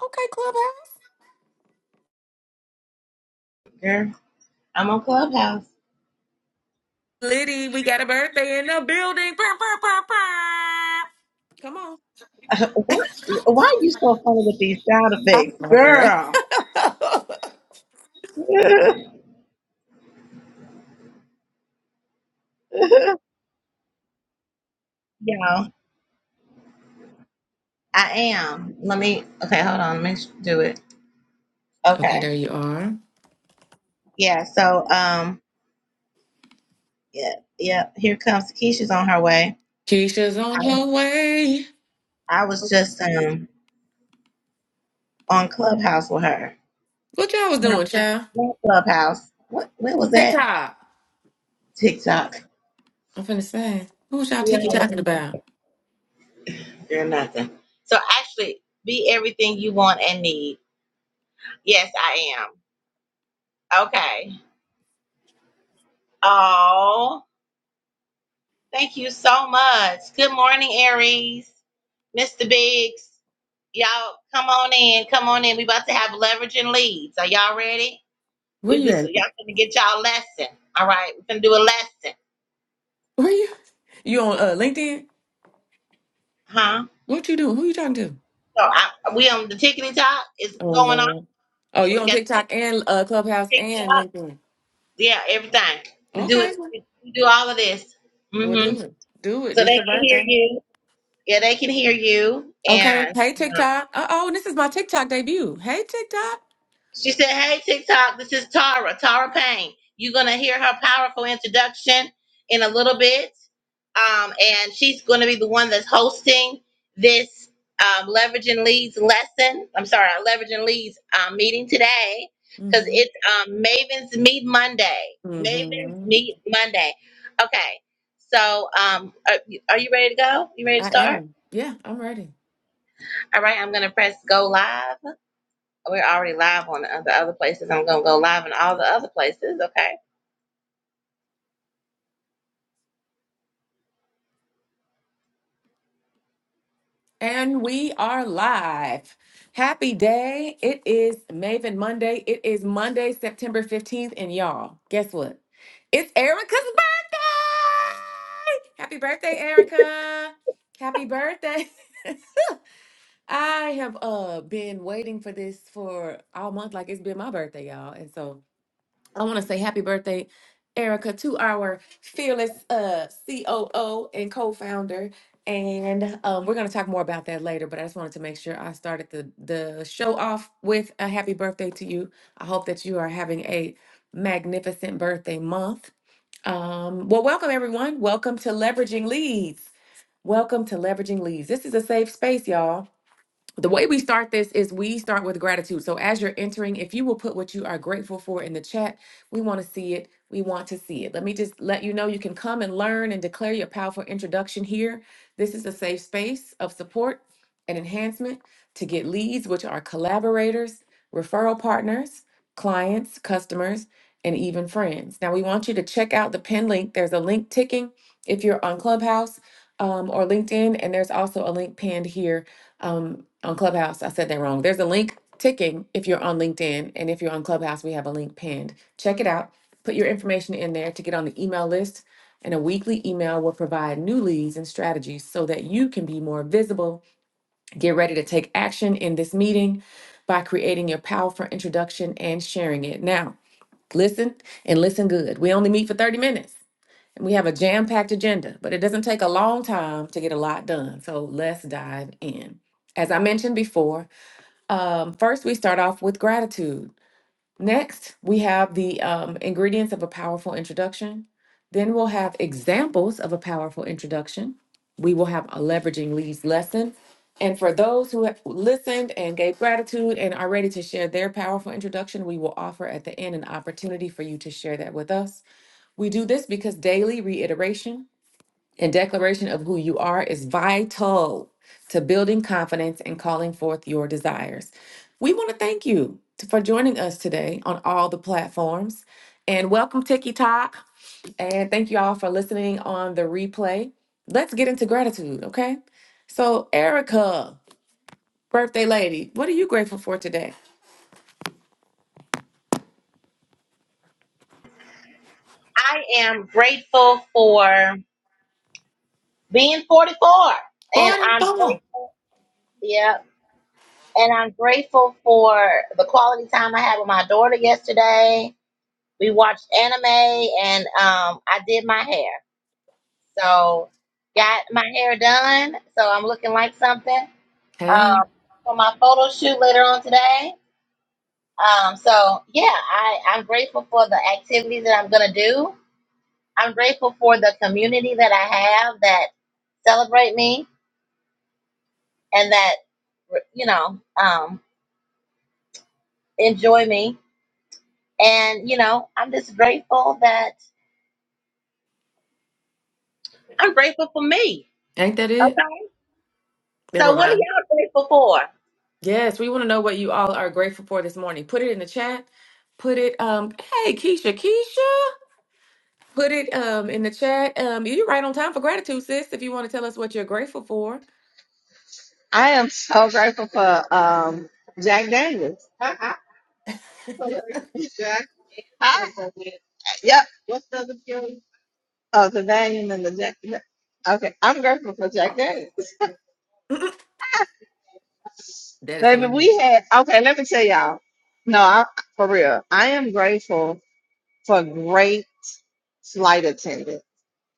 Okay, Clubhouse. Girl, I'm on Clubhouse. Liddy, we got a birthday in the building. Bah, bah, bah, bah. Come on. What? Why are you so funny with these sound I effects, know, girl? girl. Y'all, I am. Let me. Okay, hold on. Let me sh- do it. okay, Okay. there you are. Yeah. So, um, yeah, yeah. Here comes Keisha's on her way. Keisha's on I, her way. I was just um on Clubhouse with her. What y'all was Not doing, child? not Clubhouse. What? What was that? TikTok. TikTok. I'm finna say. Who was y'all We tiki talking all about? are nothing. So actually, be everything you want and need. Yes, I am. Okay. Oh, thank you so much. Good morning, Aries. Mr. Biggs. Y'all come on in. Come on in. We about to have leverage and leads. Are y'all ready? Where We you just at? y'all gonna get y'all a lesson. All right. We're gonna do a lesson. Where you? You on uh, LinkedIn? Huh? What you doing? Who you talking to? So I, we on the tickety top is Oh, going on. Lord. Oh, you We on got tick TikTok and uh, Clubhouse tick and tock. LinkedIn. Yeah, everything. We do Okay. it we do all of this. Well, hmm do it. Do it. So they This your can hear birthday. you. Yeah, they can hear you. Okay. Hey, And TikTok. Uh oh, this is my TikTok debut. Hey, TikTok. She said, Hey, TikTok, this is Tara, Tara Payne. You're going to hear her powerful introduction in a little bit. Um, and she's going to be the one that's hosting this um, Leveraging Leads lesson. I'm sorry, our Leveraging Leads um, meeting today because Mm-hmm. it's um, Maven's Meet Monday. Maven's Mm-hmm. Meet Monday. Okay. So um, are, you- are you ready to go? You ready to I start? am. Yeah, I'm ready. All right. I'm going to press go live. We're already live on the the other places. I'm going to go live in all the other places. Okay. And we are live. Happy day. It is Maven Monday. It is Monday, September 15th. And y'all, guess what? It's Erica's birthday. Happy birthday, Erica. Happy birthday. I have uh been waiting for this for all month. Like it's been my birthday, y'all. And so I want to say happy birthday, Erica, to our fearless uh, COO and co-founder. And um, we're going to talk more about that later, but I just wanted to make sure I started the the show off with a happy birthday to you. I hope that you are having a magnificent birthday month. Um, well, welcome everyone. Welcome to Leveraging Leads. Welcome to Leveraging Leads. This is a safe space, y'all the way we start this is we start with gratitude. So as you're entering, if you will put what you are grateful for in the chat, we want to see it. We want to see it. Let me just let you know you can come and learn and declare your powerful introduction here. This is a safe space of support and enhancement to get leads, which are collaborators, referral partners, clients, customers, and even friends. Now we want you to check out the pin link. There's a link ticking if you're on Clubhouse um, or LinkedIn, and there's also a link pinned here um, on Clubhouse. I said that wrong. There's a link ticking if you're on LinkedIn, and if you're on Clubhouse, we have a link pinned. Check it out. Put your information in there to get on the email list, and a weekly email will provide new leads and strategies so that you can be more visible. Get ready to take action in this meeting by creating your powerful introduction and sharing it. Now, listen and listen good. We only meet for 30 minutes. We have a jam-packed agenda, but it doesn't take a long time to get a lot done. So let's dive in. As I mentioned before, um, first we start off with gratitude. Next, we have the um, ingredients of a powerful introduction. Then we'll have examples of a powerful introduction. We will have a leveraging leads lesson. And for those who have listened and gave gratitude and are ready to share their powerful introduction, we will offer at the end an opportunity for you to share that with us. We do this because daily reiteration and declaration of who you are is vital to building confidence and calling forth your desires. We want to thank you t- for joining us today on all the platforms. And welcome, TikTok. And thank you all for listening on the replay. Let's get into gratitude, okay? So, Erica, birthday lady, what are you grateful for today? I am grateful for being 44. And I'm grateful. 44. Yeah. And I'm grateful for the quality time I had with my daughter yesterday. We watched anime and um, I did my hair. So, got my hair done. So, I'm looking like something Hey, um, for my photo shoot later on today. Um, so yeah, I, I'm grateful for the activities that I'm gonna do. I'm grateful for the community that I have that celebrate me and that you know um, enjoy me. And you know, I'm just grateful that I'm grateful for me. ain't that it? Okay. So Never what are mind. y'all grateful for? Yes, we want to know what you all are grateful for this morning. Put it in the chat. Put it, um, hey, Keisha, Keisha, put it um in the chat. Um, you're right on time for gratitude, sis. If you want to tell us what you're grateful for, I am so grateful for um, Jack Daniels. Jack. Huh? Yep. What's the other feeling? Oh, the Valium and the Jack. yeah. Okay, I'm grateful for Jack Daniels. that is Baby, hilarious. we had, okay, let me tell y'all. No, I, for real, I am grateful for great flight attendants.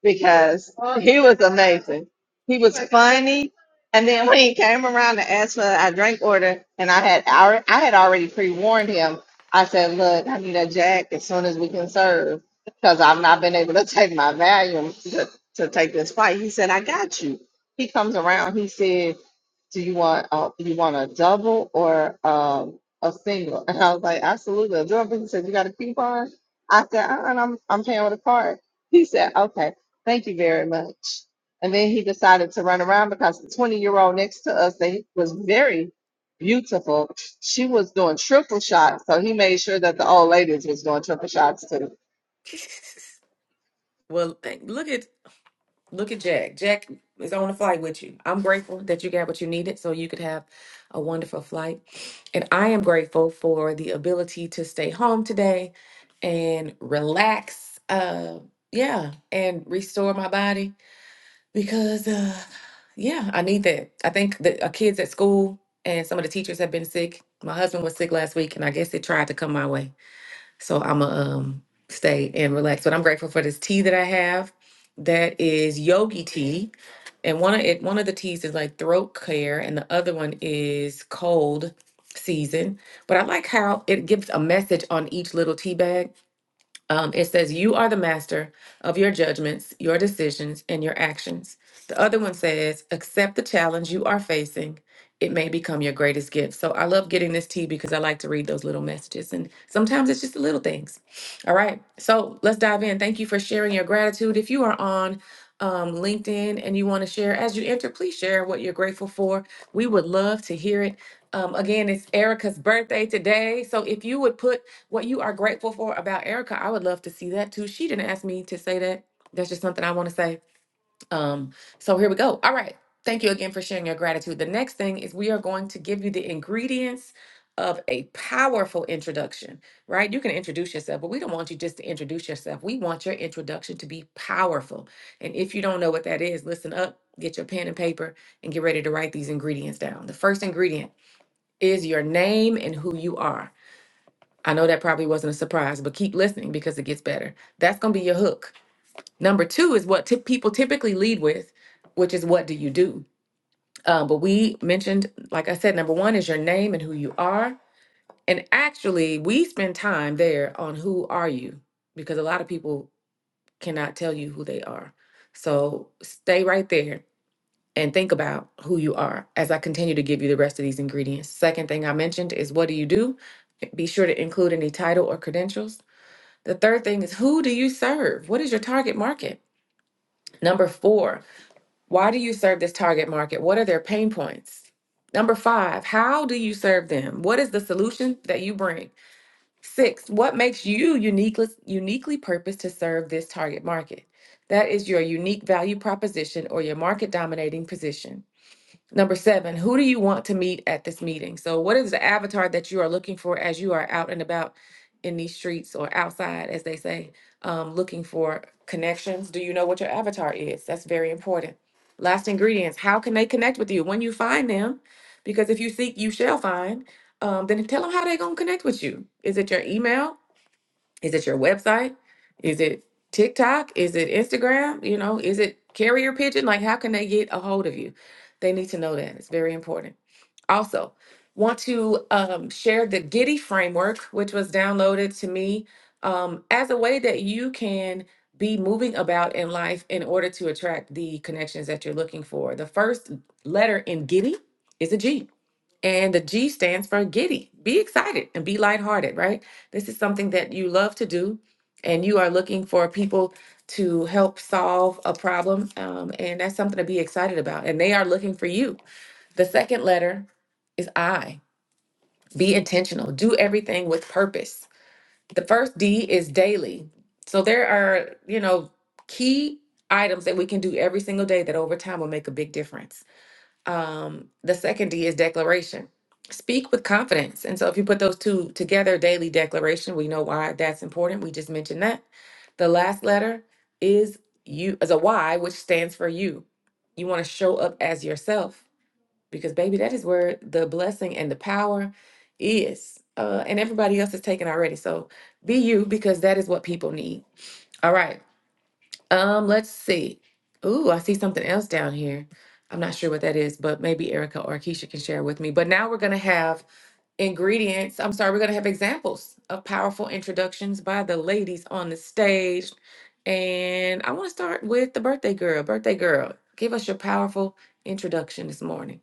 because he was amazing. He was funny. And then when he came around to ask for a drink order, and I had alre- I had already pre warned him. I said, "Look, I need a jack as soon as we can serve, because I've not been able to take my volume to, to take this fight." He said, "I got you." He comes around. He said, "Do you want uh, you want a double or um, a single?" And I was like, "Absolutely, a double." He said, "You got a coupon?" I said, uh "I'm I'm paying with a card." He said, "Okay." Thank you very much. And then he decided to run around because the 20 year old next to us that was very beautiful. She was doing triple shots. So he made sure that the old ladies was doing triple shots too. well, thank, look at Look at Jack. Jack is on the flight with you. I'm grateful that you got what you needed so you could have a wonderful flight. And I am grateful for the ability to stay home today and relax. Uh yeah, and restore my body because uh yeah, I need that. I think that our kids at school and some of the teachers have been sick. My husband was sick last week and I guess it tried to come my way. So I'm going to um, stay and relax. But I'm grateful for this tea that I have that is yogi tea. And one of it, one of the teas is like throat care, and the other one is cold season. But I like how it gives a message on each little tea bag um, it says, You are the master of your judgments, your decisions, and your actions. The other one says, Accept the challenge you are facing. It may become your greatest gift. So I love getting this tea because I like to read those little messages. And sometimes it's just the little things. All right. So let's dive in. Thank you for sharing your gratitude. If you are on um, LinkedIn and you want to share as you enter, please share what you're grateful for. We would love to hear it. Um, again, it's Erica's birthday today. So if you would put what you are grateful for about Erica. I would love to see that too. She didn't ask me to say that. That's just something I want to say. Um, so here we go. All right. Thank you again for sharing your gratitude. The next thing is we are going to give you the ingredients of a powerful introduction, right? You can introduce yourself, but we don't want you just to introduce yourself. We want your introduction to be powerful. And if you don't know what that is, listen up, get your pen and paper, and get ready to write these ingredients down. The first ingredient is your name and who you are. I know that probably wasn't a surprise, but keep listening because it gets better. That's going to be your hook. Number two is what ty- people typically lead with, which is what do you do? Uh, but we mentioned, like I said, number one is your name and who you are. And actually, we spend time there on who are you because a lot of people cannot tell you who they are. So stay right there and think about who you are as I continue to give you the rest of these ingredients. Second thing I mentioned is what do you do? Be sure to include any title or credentials. The third thing is who do you serve? What is your target market? Number four, why do you serve this target market? What are their pain points? Number five, how do you serve them? What is the solution that you bring? Six, what makes you uniquely, uniquely purposed to serve this target market? That is your unique value proposition or your market dominating position. Number seven, who do you want to meet at this meeting? So, what is the avatar that you are looking for as you are out and about in these streets or outside, as they say, um, looking for connections? Do you know what your avatar is? That's very important. Last ingredients, how can they connect with you when you find them? Because if you seek, you shall find. Um, then tell them how they're going to connect with you. Is it your email? Is it your website? Is it TikTok? Is it Instagram? You know, is it carrier pigeon? Like, how can they get a hold of you? They need to know that. It's very important. Also, want to um, share the Giddy framework, which was downloaded to me um, as a way that you can be moving about in life in order to attract the connections that you're looking for. The first letter in Giddy is a G. And the G stands for giddy. Be excited and be lighthearted, right? This is something that you love to do, and you are looking for people to help solve a problem. Um, and that's something to be excited about. And they are looking for you. The second letter is I. Be intentional, do everything with purpose. The first D is daily. So there are, you know, key items that we can do every single day that over time will make a big difference. Um, the second D is declaration. Speak with confidence. And so if you put those two together, daily declaration, we know why that's important. We just mentioned that. The last letter is you as a Y, which stands for you. You want to show up as yourself because baby, that is where the blessing and the power is. Uh, and everybody else is taken already. So be you because that is what people need. All right. Um, let's see. Ooh, I see something else down here. I'm not sure what that is, but maybe Erica or Keisha can share with me. But now we're gonna have ingredients. I'm sorry, we're going to have examples of powerful introductions by the ladies on the stage. And I want to start with the birthday girl. Birthday girl, give us your powerful introduction this morning.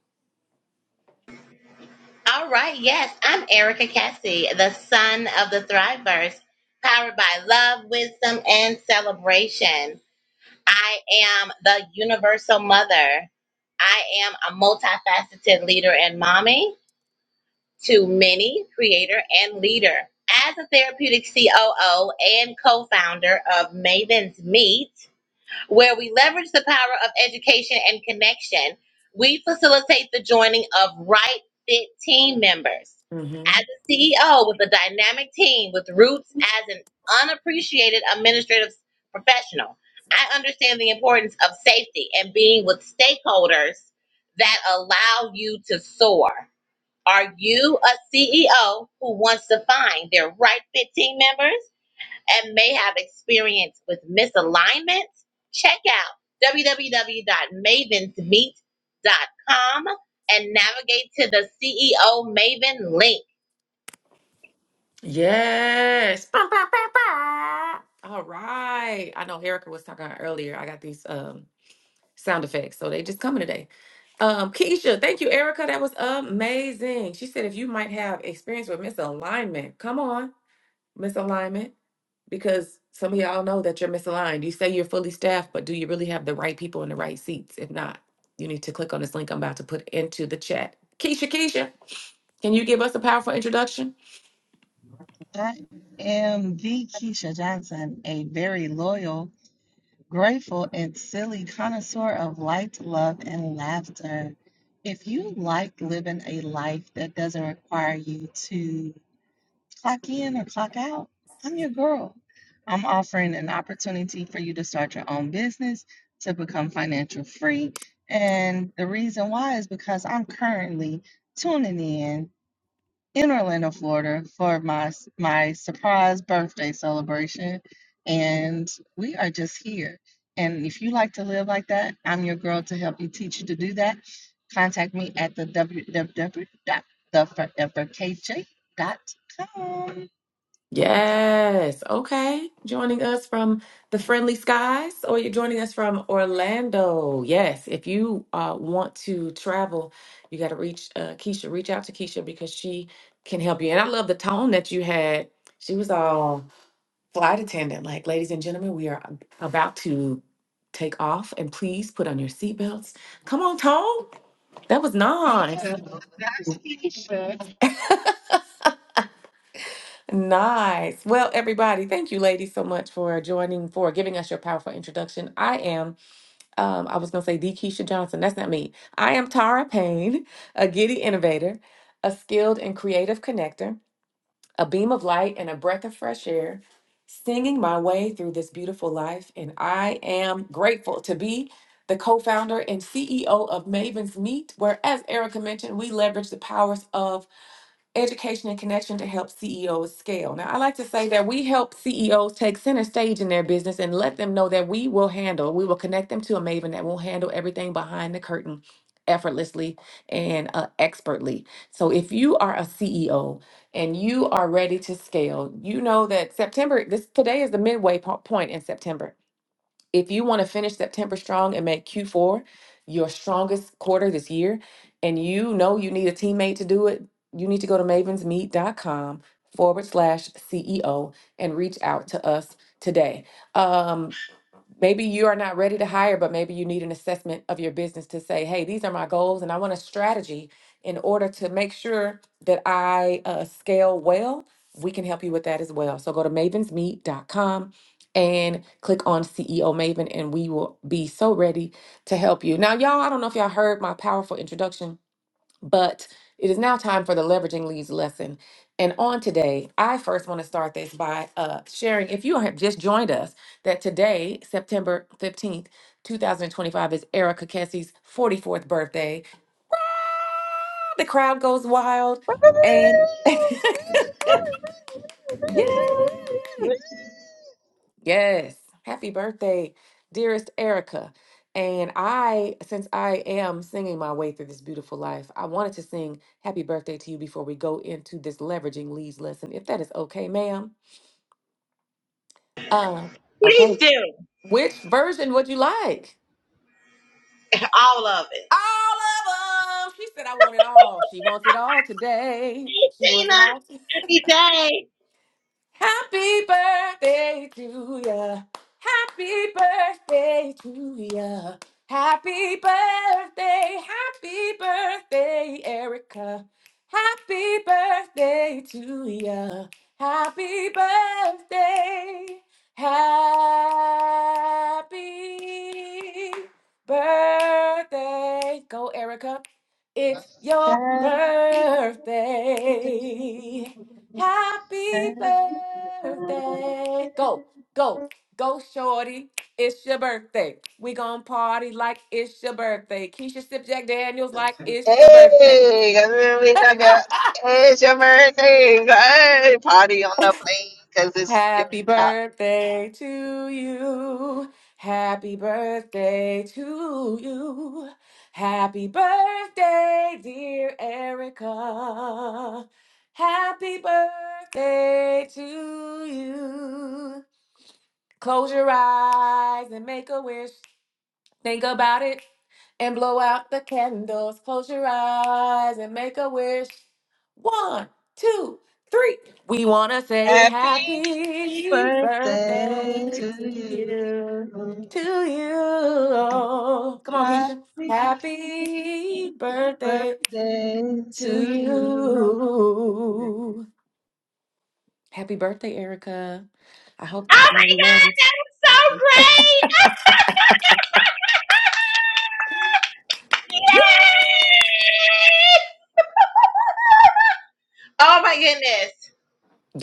All right. Yes, I'm Erica Cassie, the son of the Thriveverse, powered by love, wisdom, and celebration. I am the universal mother. I am a multifaceted leader and mommy. to many, creator, and leader. As a therapeutic COO and co founder of Maven's Meet, where we leverage the power of education and connection, we facilitate the joining of right fit team members. Mm-hmm. As a CEO with a dynamic team with roots as an unappreciated administrative professional, I understand the importance of safety and being with stakeholders that allow you to soar. Are you a CEO who wants to find their right fit team members and may have experience with misalignment? Check out www.mavensmeet.com and navigate to the CEO Maven link. Yes. Bah, bah, bah, bah. All right. I know Erica was talking about earlier. I got these um sound effects, so they just coming today. Um, Keisha, thank you, Erica. That was amazing. She said if you might have experience with misalignment, come on, misalignment, because some of y'all know that you're misaligned. You say you're fully staffed, but do you really have the right people in the right seats? If not, you need to click on this link I'm about to put into the chat. Keisha, Keisha, can you give us a powerful introduction? I am the Keisha Johnson, a very loyal, grateful, and silly connoisseur of light, love, and laughter. If you like living a life that doesn't require you to clock in or clock out. I'm your girl. I'm offering an opportunity for you to start your own business, to become financial free. And the reason why is because I'm currently tuning in in Orlando, Florida for my my surprise birthday celebration and we are just here. And if you like to live like that, I'm your girl to help you teach you to do that. Contact me at the w w w dot the forever k j dot com. Yes. Okay. Joining us from the friendly skies, or you're joining us from Orlando. Yes. If you uh, want to travel, you got to reach uh, Keisha. Reach out to Keisha because she can help you. And I love the tone that you had. She was all flight attendant, like, ladies and gentlemen, we are ab- about to take off, and please put on your seatbelts. Come on, tone. That was nice. Nice. Well, everybody, thank you, ladies, so much for joining, for giving us your powerful introduction. I am, um, I was going to say the Keisha Johnson. That's not me. I am Tara Payne, a giddy innovator, a skilled and creative connector, a beam of light, and a breath of fresh air, singing my way through this beautiful life. And I am grateful to be the co founder and CEO of Maven's Meet, where, as Erica mentioned, we leverage the powers of education and connection to help CEOs scale. Now, I like to say that we help CEOs take center stage in their business and let them know that we will handle, we will connect them to a Maven that will handle everything behind the curtain effortlessly and uh, expertly. So, if you are a CEO and you are ready to scale, you know that September, this today is the midway po- point in September if you want to finish September strong and make Q4 your strongest quarter this year, and you know you need a teammate to do it, you need to go to mavensmeet.com forward slash CEO and reach out to us today. Um, Maybe you are not ready to hire, but maybe you need an assessment of your business to say, hey, these are my goals, and I want a strategy in order to make sure that I uh, scale well. We can help you with that as well. So go to mavens meet dot com and click on CEO Maven, and we will be so ready to help you. Now, y'all, I don't know if y'all heard my powerful introduction but it is now time for the leveraging leads lesson. And on today, I first want to start this by uh, sharing, if you have just joined us, that today, September 15th, 2025, is Erica Kessie's 44th birthday. The crowd goes wild Hey, and yay! Yes. Happy birthday, dearest Erica. And I, since I am singing my way through this beautiful life, I wanted to sing happy birthday to you before we go into this leveraging leads lesson, if that is okay, ma'am. Um, okay. Please do Which version would you like? all of it. All of them. She said, I want it all. She wants it all today. Hey, She wants it Tina, all happy day. Happy birthday to ya. Happy birthday to ya. Happy birthday, happy birthday, Erica. Happy birthday to ya. Happy birthday. Happy birthday. Go, Erica. It's your birthday. Happy birthday. Go, go, go, shorty. It's your birthday. We gonna party like it's your birthday. Keisha Sip Jack Daniels like it's your birthday. 'cause then we talking about, hey, it's your birthday. Hey, party on the plane because it's your Happy uh, birthday to you. Happy birthday to you. Happy birthday, dear Erica. Happy birthday to you. Close your eyes and make a wish. Think about it and blow out the candles. Close your eyes and make a wish. One, two, three. We want to say happy happy birthday birthday to to you. you. To you. Come on, Keisha. Happy Happy birthday. birthday to No, you. Happy birthday, Erica. I hope that Oh you know my we love God, that was so great! you. Yay! Oh my goodness.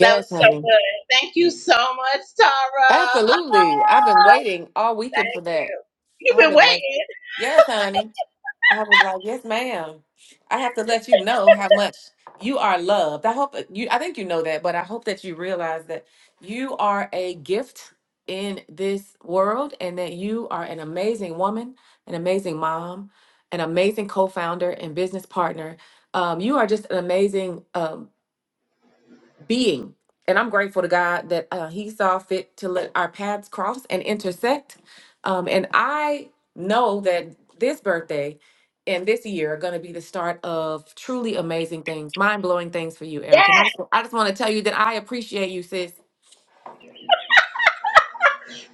That was so honey. good. Thank you so much, Tara. Absolutely. I've been Oh, waiting all weekend for thank that. you. You've I've been been waiting. waiting. Yes, honey. I was like, yes, ma'am. I have to let you know how much you are loved. I hope you, I think you know that, but I hope that you realize that you are a gift in this world and that you are an amazing woman, an amazing mom, an amazing co founder and business partner. Um, you are just an amazing, um, being. And I'm grateful to God that uh, He saw fit to let our paths cross and intersect. Um, and I know that this birthday and this year are going to be the start of truly amazing things, mind blowing things for you, Erica. And I Yes. just, I just want to tell you that I appreciate you, sis.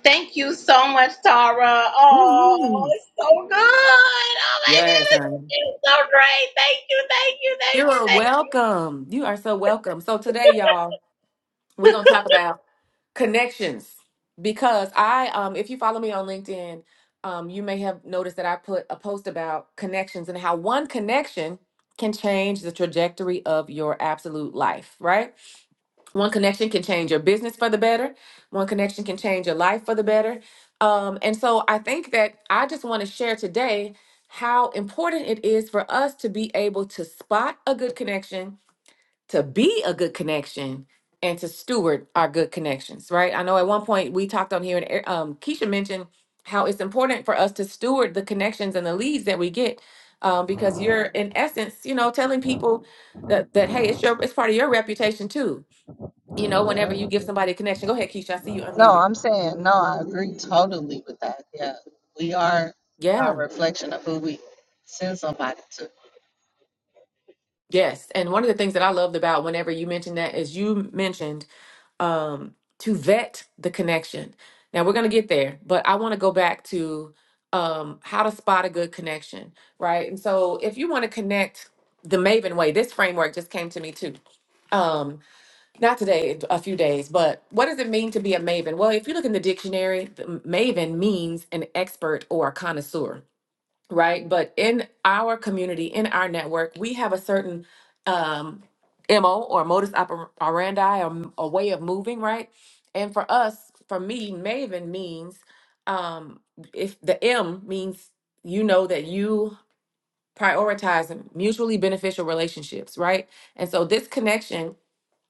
Thank you so much, Tara. Oh, Mhm. it's so good. Oh my Yes, goodness. honey. It's so great. Thank you. Thank you. Thank You you. are Thank welcome. You are so welcome. So today, y'all, we're going to talk about. connections because I um if you follow me on LinkedIn, um you may have noticed that I put a post about connections and how one connection can change the trajectory of your absolute life, right? One connection can change your business for the better. One connection can change your life for the better. Um and so I think that I just want to share today how important it is for us to be able to spot a good connection to be a good connection and to steward our good connections, right? I know at one point we talked on here, and Er- um, Keisha mentioned how it's important for us to steward the connections and the leads that we get, um, because you're in essence, you know, telling people that, that hey, it's your it's part of your reputation too. You know, whenever you give somebody a connection, go ahead, Keisha. I see you unmuted. I'm saying, no, I agree totally with that. Yeah, we are a Yeah. reflection of who we send somebody to. Yes. And one of the things that I loved about whenever you mentioned that is you mentioned um, to vet the connection. Now we're going to get there, but I want to go back to um, how to spot a good connection, right? And so if you want to connect the Maven way, this framework just came to me too. Um, not today, in a few days, but what does it mean to be a Maven? Well, if you look in the dictionary, the Maven means an expert or a connoisseur right? But in our community, in our network, we have a certain um, MO or modus oper- operandi or m- a way of moving, right? And for us, for me, Maven means um, if the M means you know that you prioritize mutually beneficial relationships, right? And so this connection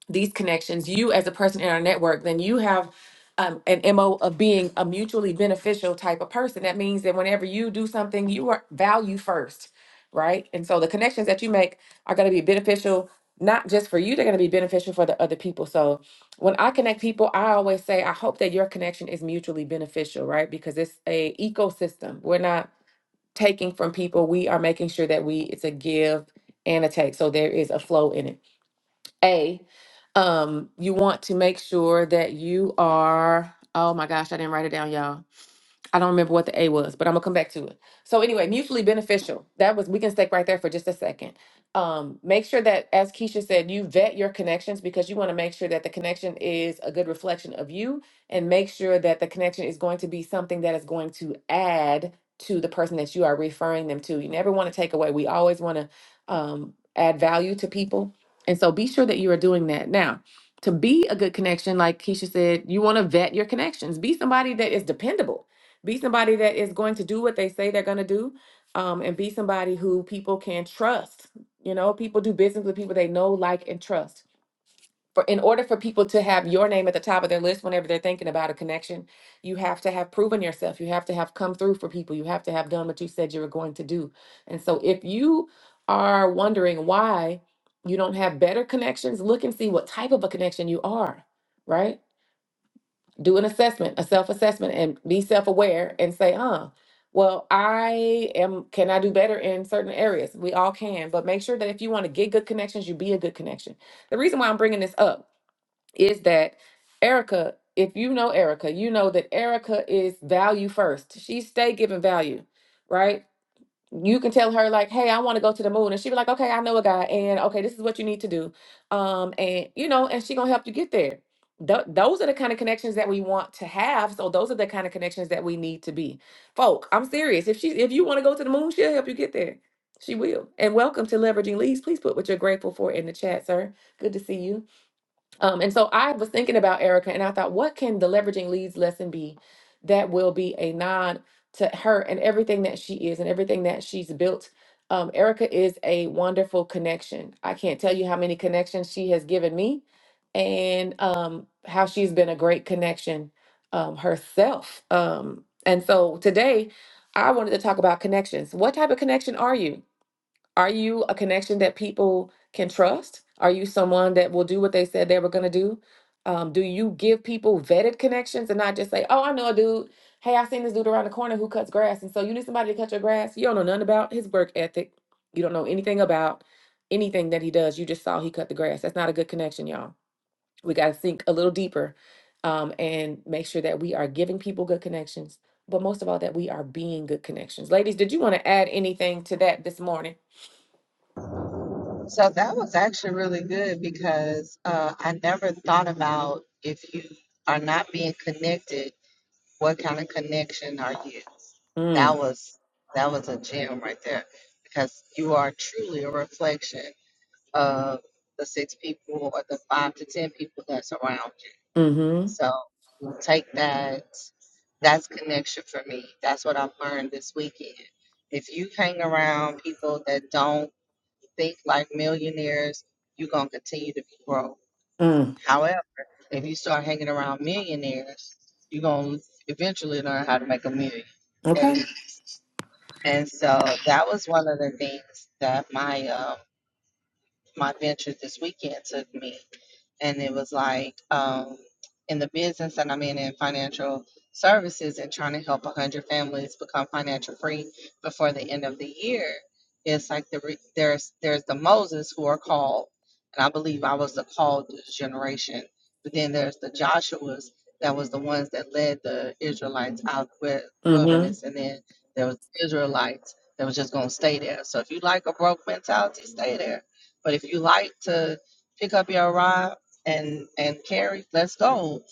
these connections, you as a person in our network, then you have um, an MO of being a mutually beneficial type of person. That means that whenever you do something, you are value first, right? And so the connections that you make are going to be beneficial, not just for you, they're going to be beneficial for the other people. So when I connect people, I always say, I hope that your connection is mutually beneficial, right? Because it's a ecosystem. We're not taking from people, we are making sure that we, it's a give and a take. So there is a flow in it. A, um, you want to make sure that you are, oh my gosh, I didn't write it down, y'all I don't remember what the A was, but I'm gonna come back to it. So anyway, mutually beneficial. That was we can stick right there for just a second. Um, make sure that, as Keisha said, you vet your connections because you want to make sure that the connection is a good reflection of you, and make sure that the connection is going to be something that is going to add to the person that you are referring them to. You never want to take away. We always want to um, add value to people, and so be sure that you are doing that now. To be a good connection, like Keisha said, you want to vet your connections. Be somebody that is dependable be somebody that is going to do what they say they're going to do um, and be somebody who people can trust you know people do business with people they know like and trust for in order for people to have your name at the top of their list whenever they're thinking about a connection you have to have proven yourself you have to have come through for people you have to have done what you said you were going to do and so if you are wondering why you don't have better connections look and see what type of a connection you are right do an assessment, a self-assessment and be self-aware and say, huh, well, I am can I do better in certain areas? We all can, but make sure that if you want to get good connections, you be a good connection. The reason why I'm bringing this up is that Erica, if you know Erica, you know that Erica is value first. She stay giving value, right? you can tell her like, "Hey, I want to go to the moon," and she be like, "Okay, I know a guy, and okay, this is what you need to do," um, and you know, and she gonna help you get there. Th- those are the kind of connections that we want to have. So those are the kind of connections that we need to be. Folk, I'm serious. If she, if you want to go to the moon, she'll help you get there. She will. And welcome to leveraging leads. Please put what you're grateful for in the chat, sir. Good to see you. Um, and so I was thinking about Erica and I thought, what can the leveraging leads lesson be that will be a nod to her and everything that she is and everything that she's built? Um, Erica is a wonderful connection. I can't tell you how many connections she has given me and um, how she's been a great connection um, herself. Um, and so today I wanted to talk about connections. What type of connection are you? Are you a connection that people can trust? Are you someone that will do what they said they were going to do? Um, do you give people vetted connections and not just say, oh, I know a dude. Hey, I seen this dude around the corner who cuts grass. And so you need somebody to cut your grass. You don't know nothing about his work ethic. You don't know anything about anything that he does. You just saw he cut the grass. That's not a good connection, y'all. We got to think a little deeper um, and make sure that we are giving people good connections, but most of all, that we are being good connections. Ladies, did you want to add anything to that this morning? So that was actually really good because uh, I never thought about if you are not being connected, what kind of connection are you? Mm. That was that was a gem right there because you are truly a reflection of the six people or the five to ten people that surround you. Mm-hmm. So take that. That's connection for me. That's what I've learned this weekend. If you hang around people that don't think like millionaires, you're gonna continue to grow. Mm. However, if you start hanging around millionaires, you're gonna eventually learn how to make a million, at Okay. least. And so that was one of the things that my um my venture this weekend took me and it was like um, in the business that I'm in in financial services and trying to help 100 families become financial free before the end of the year. It's like the re- there's there's the Moses who are called, and I believe I was the called generation. But then there's the Joshua's that was the ones that led the Israelites out the wi- Mm-hmm. wilderness, and then there was Israelites that was just gonna stay there. So if you like a broke mentality, stay there. But if you like to pick up your rod and and Carrie, let's go.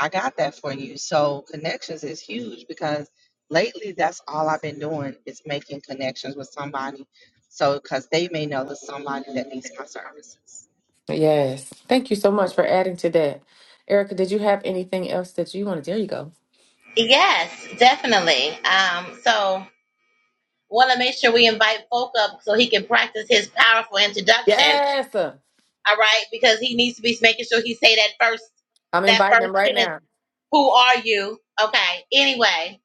I got that for you. So connections is huge because lately that's all I've been doing is making connections with somebody. So because they may know there's somebody that needs my services. Yes. Thank you so much for adding to that. Erica, did you have anything else that you wanted? There you go. you. Yes, definitely. Um, so want to make sure we invite folk up so he can practice his powerful introduction. Yes. All right, because he needs to be making sure he say that first I'm that inviting first them right sentence now. Who are you? Okay. Anyway,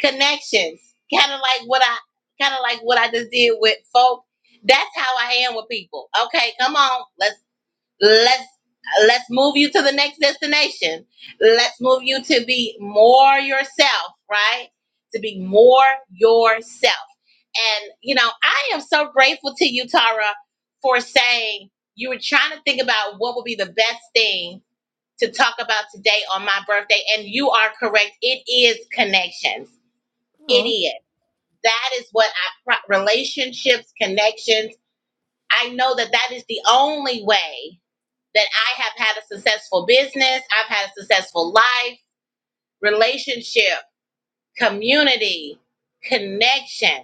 connections. Kind of like what I kind of like what I just did with folk. That's how I am with people. Okay, come on. Let's let's let's move you to the next destination. Let's move you to be more yourself, right? To be more yourself. And you know, I am so grateful to you, Tara, for saying you were trying to think about what would be the best thing to talk about today on my birthday. And you are correct. It is connections. It Oh. is. That is what I, pro- relationships, connections. I know that that is the only way that I have had a successful business. I've had a successful life, relationship, community, connection.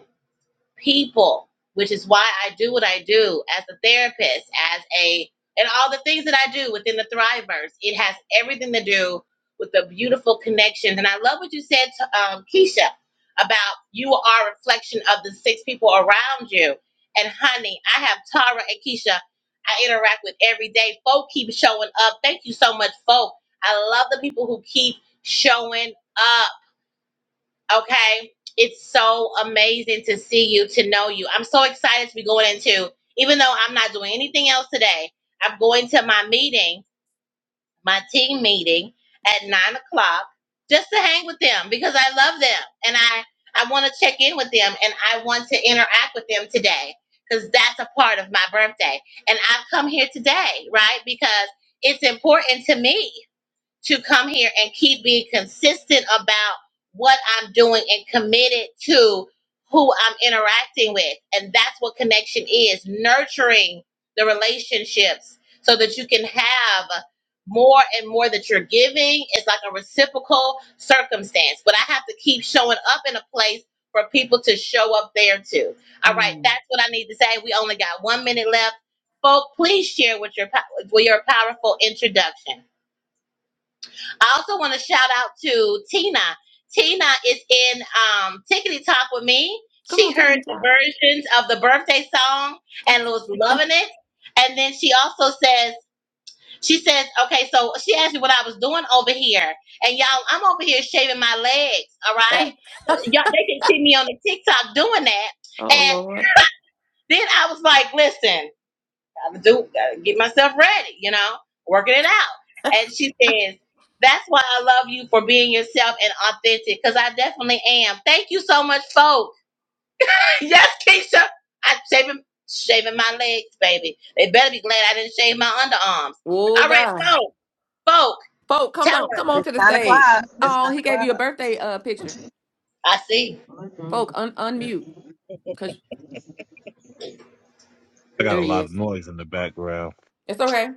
people, which is why I do what I do as a therapist, as a and all the things that I do within the Thrivers. It has everything to do with the beautiful connections. And I love what you said to um, Keisha about you are a reflection of the six people around you. And honey, I have Tara and Keisha I interact with every day. Folk keep showing up. Thank you so much, folk. I love the people who keep showing up. Okay. It's so amazing to see you, to know you. I'm so excited to be going into, even though I'm not doing anything else today, I'm going to my meeting, my team meeting at nine o'clock just to hang with them because I love them and I, I want to check in with them and I want to interact with them today because that's a part of my birthday. And I've come here today, right? Because it's important to me to come here and keep being consistent about what I'm doing and committed to who I'm interacting with. And that's what connection is nurturing the relationships so that you can have more and more that you're giving. It's like a reciprocal circumstance, but I have to keep showing up in a place for people to show up there too. All right, Mm. that's what I need to say. We only got one minute left. Folk, please share with your, pow- with your powerful introduction. I also want to shout out to Tina. Tina is in um, Tickety Talk with me. Come She on, drink heard and the drop. versions of the birthday song and was loving it. And then she also says, she says, okay, so she asked me what I was doing over here. And y'all, I'm over here shaving my legs, all right? So y'all, they can see me on the TikTok doing that. oh And Lord. then I was like, listen gotta do, gotta get myself ready, you know, working it out. And she says, That's why I love you for being yourself and authentic, because I definitely am. Thank you so much, folks. yes, Keisha. I shaving shaving my legs, baby. They better be glad I didn't shave my underarms. Oh All right, God. folk, folk, Folk, come tell on. us. Come on It's to the nine stage. o'clock. It's Oh, nine he gave o'clock. you a birthday uh picture. I see. Folk, un Mhm. unmute. Cause I got there a he lot of is. noise in the background. It's okay.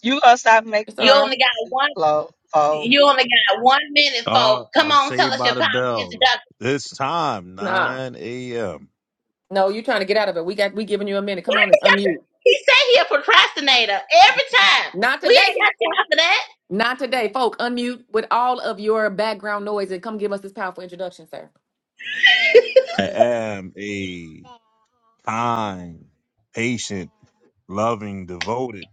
You gonna stop making It's all You right. only got excuses, one Flo? you only got one minute, folk. Oh, Come I'm on, tell saved us your by the powerful bell. introduction. This time, Nah. 9 a.m. No, you're trying to get out of it. We got we giving you a minute. Why Come on and you got to, unmute. he say he a procrastinator every time. Not We ain't today. got time for that. Not today, folk. Unmute with all of your background noise and come give us this powerful introduction, sir. I am a kind, patient, loving, devoted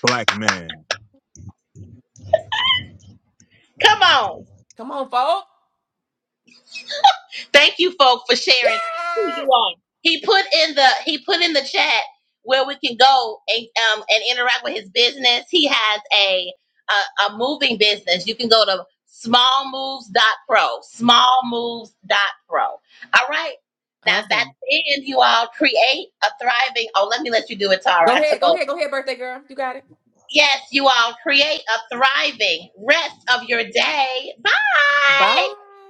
black man. Come on. Come on, folk. Thank you, folk, for sharing who Yes. you are. He put in the he put in the chat where we can go and um and interact with his business. He has a a, a moving business. You can go to smallmoves.pro. Smallmoves.pro. All right. Now that's Awesome. the end, you all create a thriving. Oh, let me let you do it, Tara. Go I took ahead. Go over. ahead. Go ahead, birthday girl. You got it. Yes, you all create a thriving rest of your day. Bye. Bye.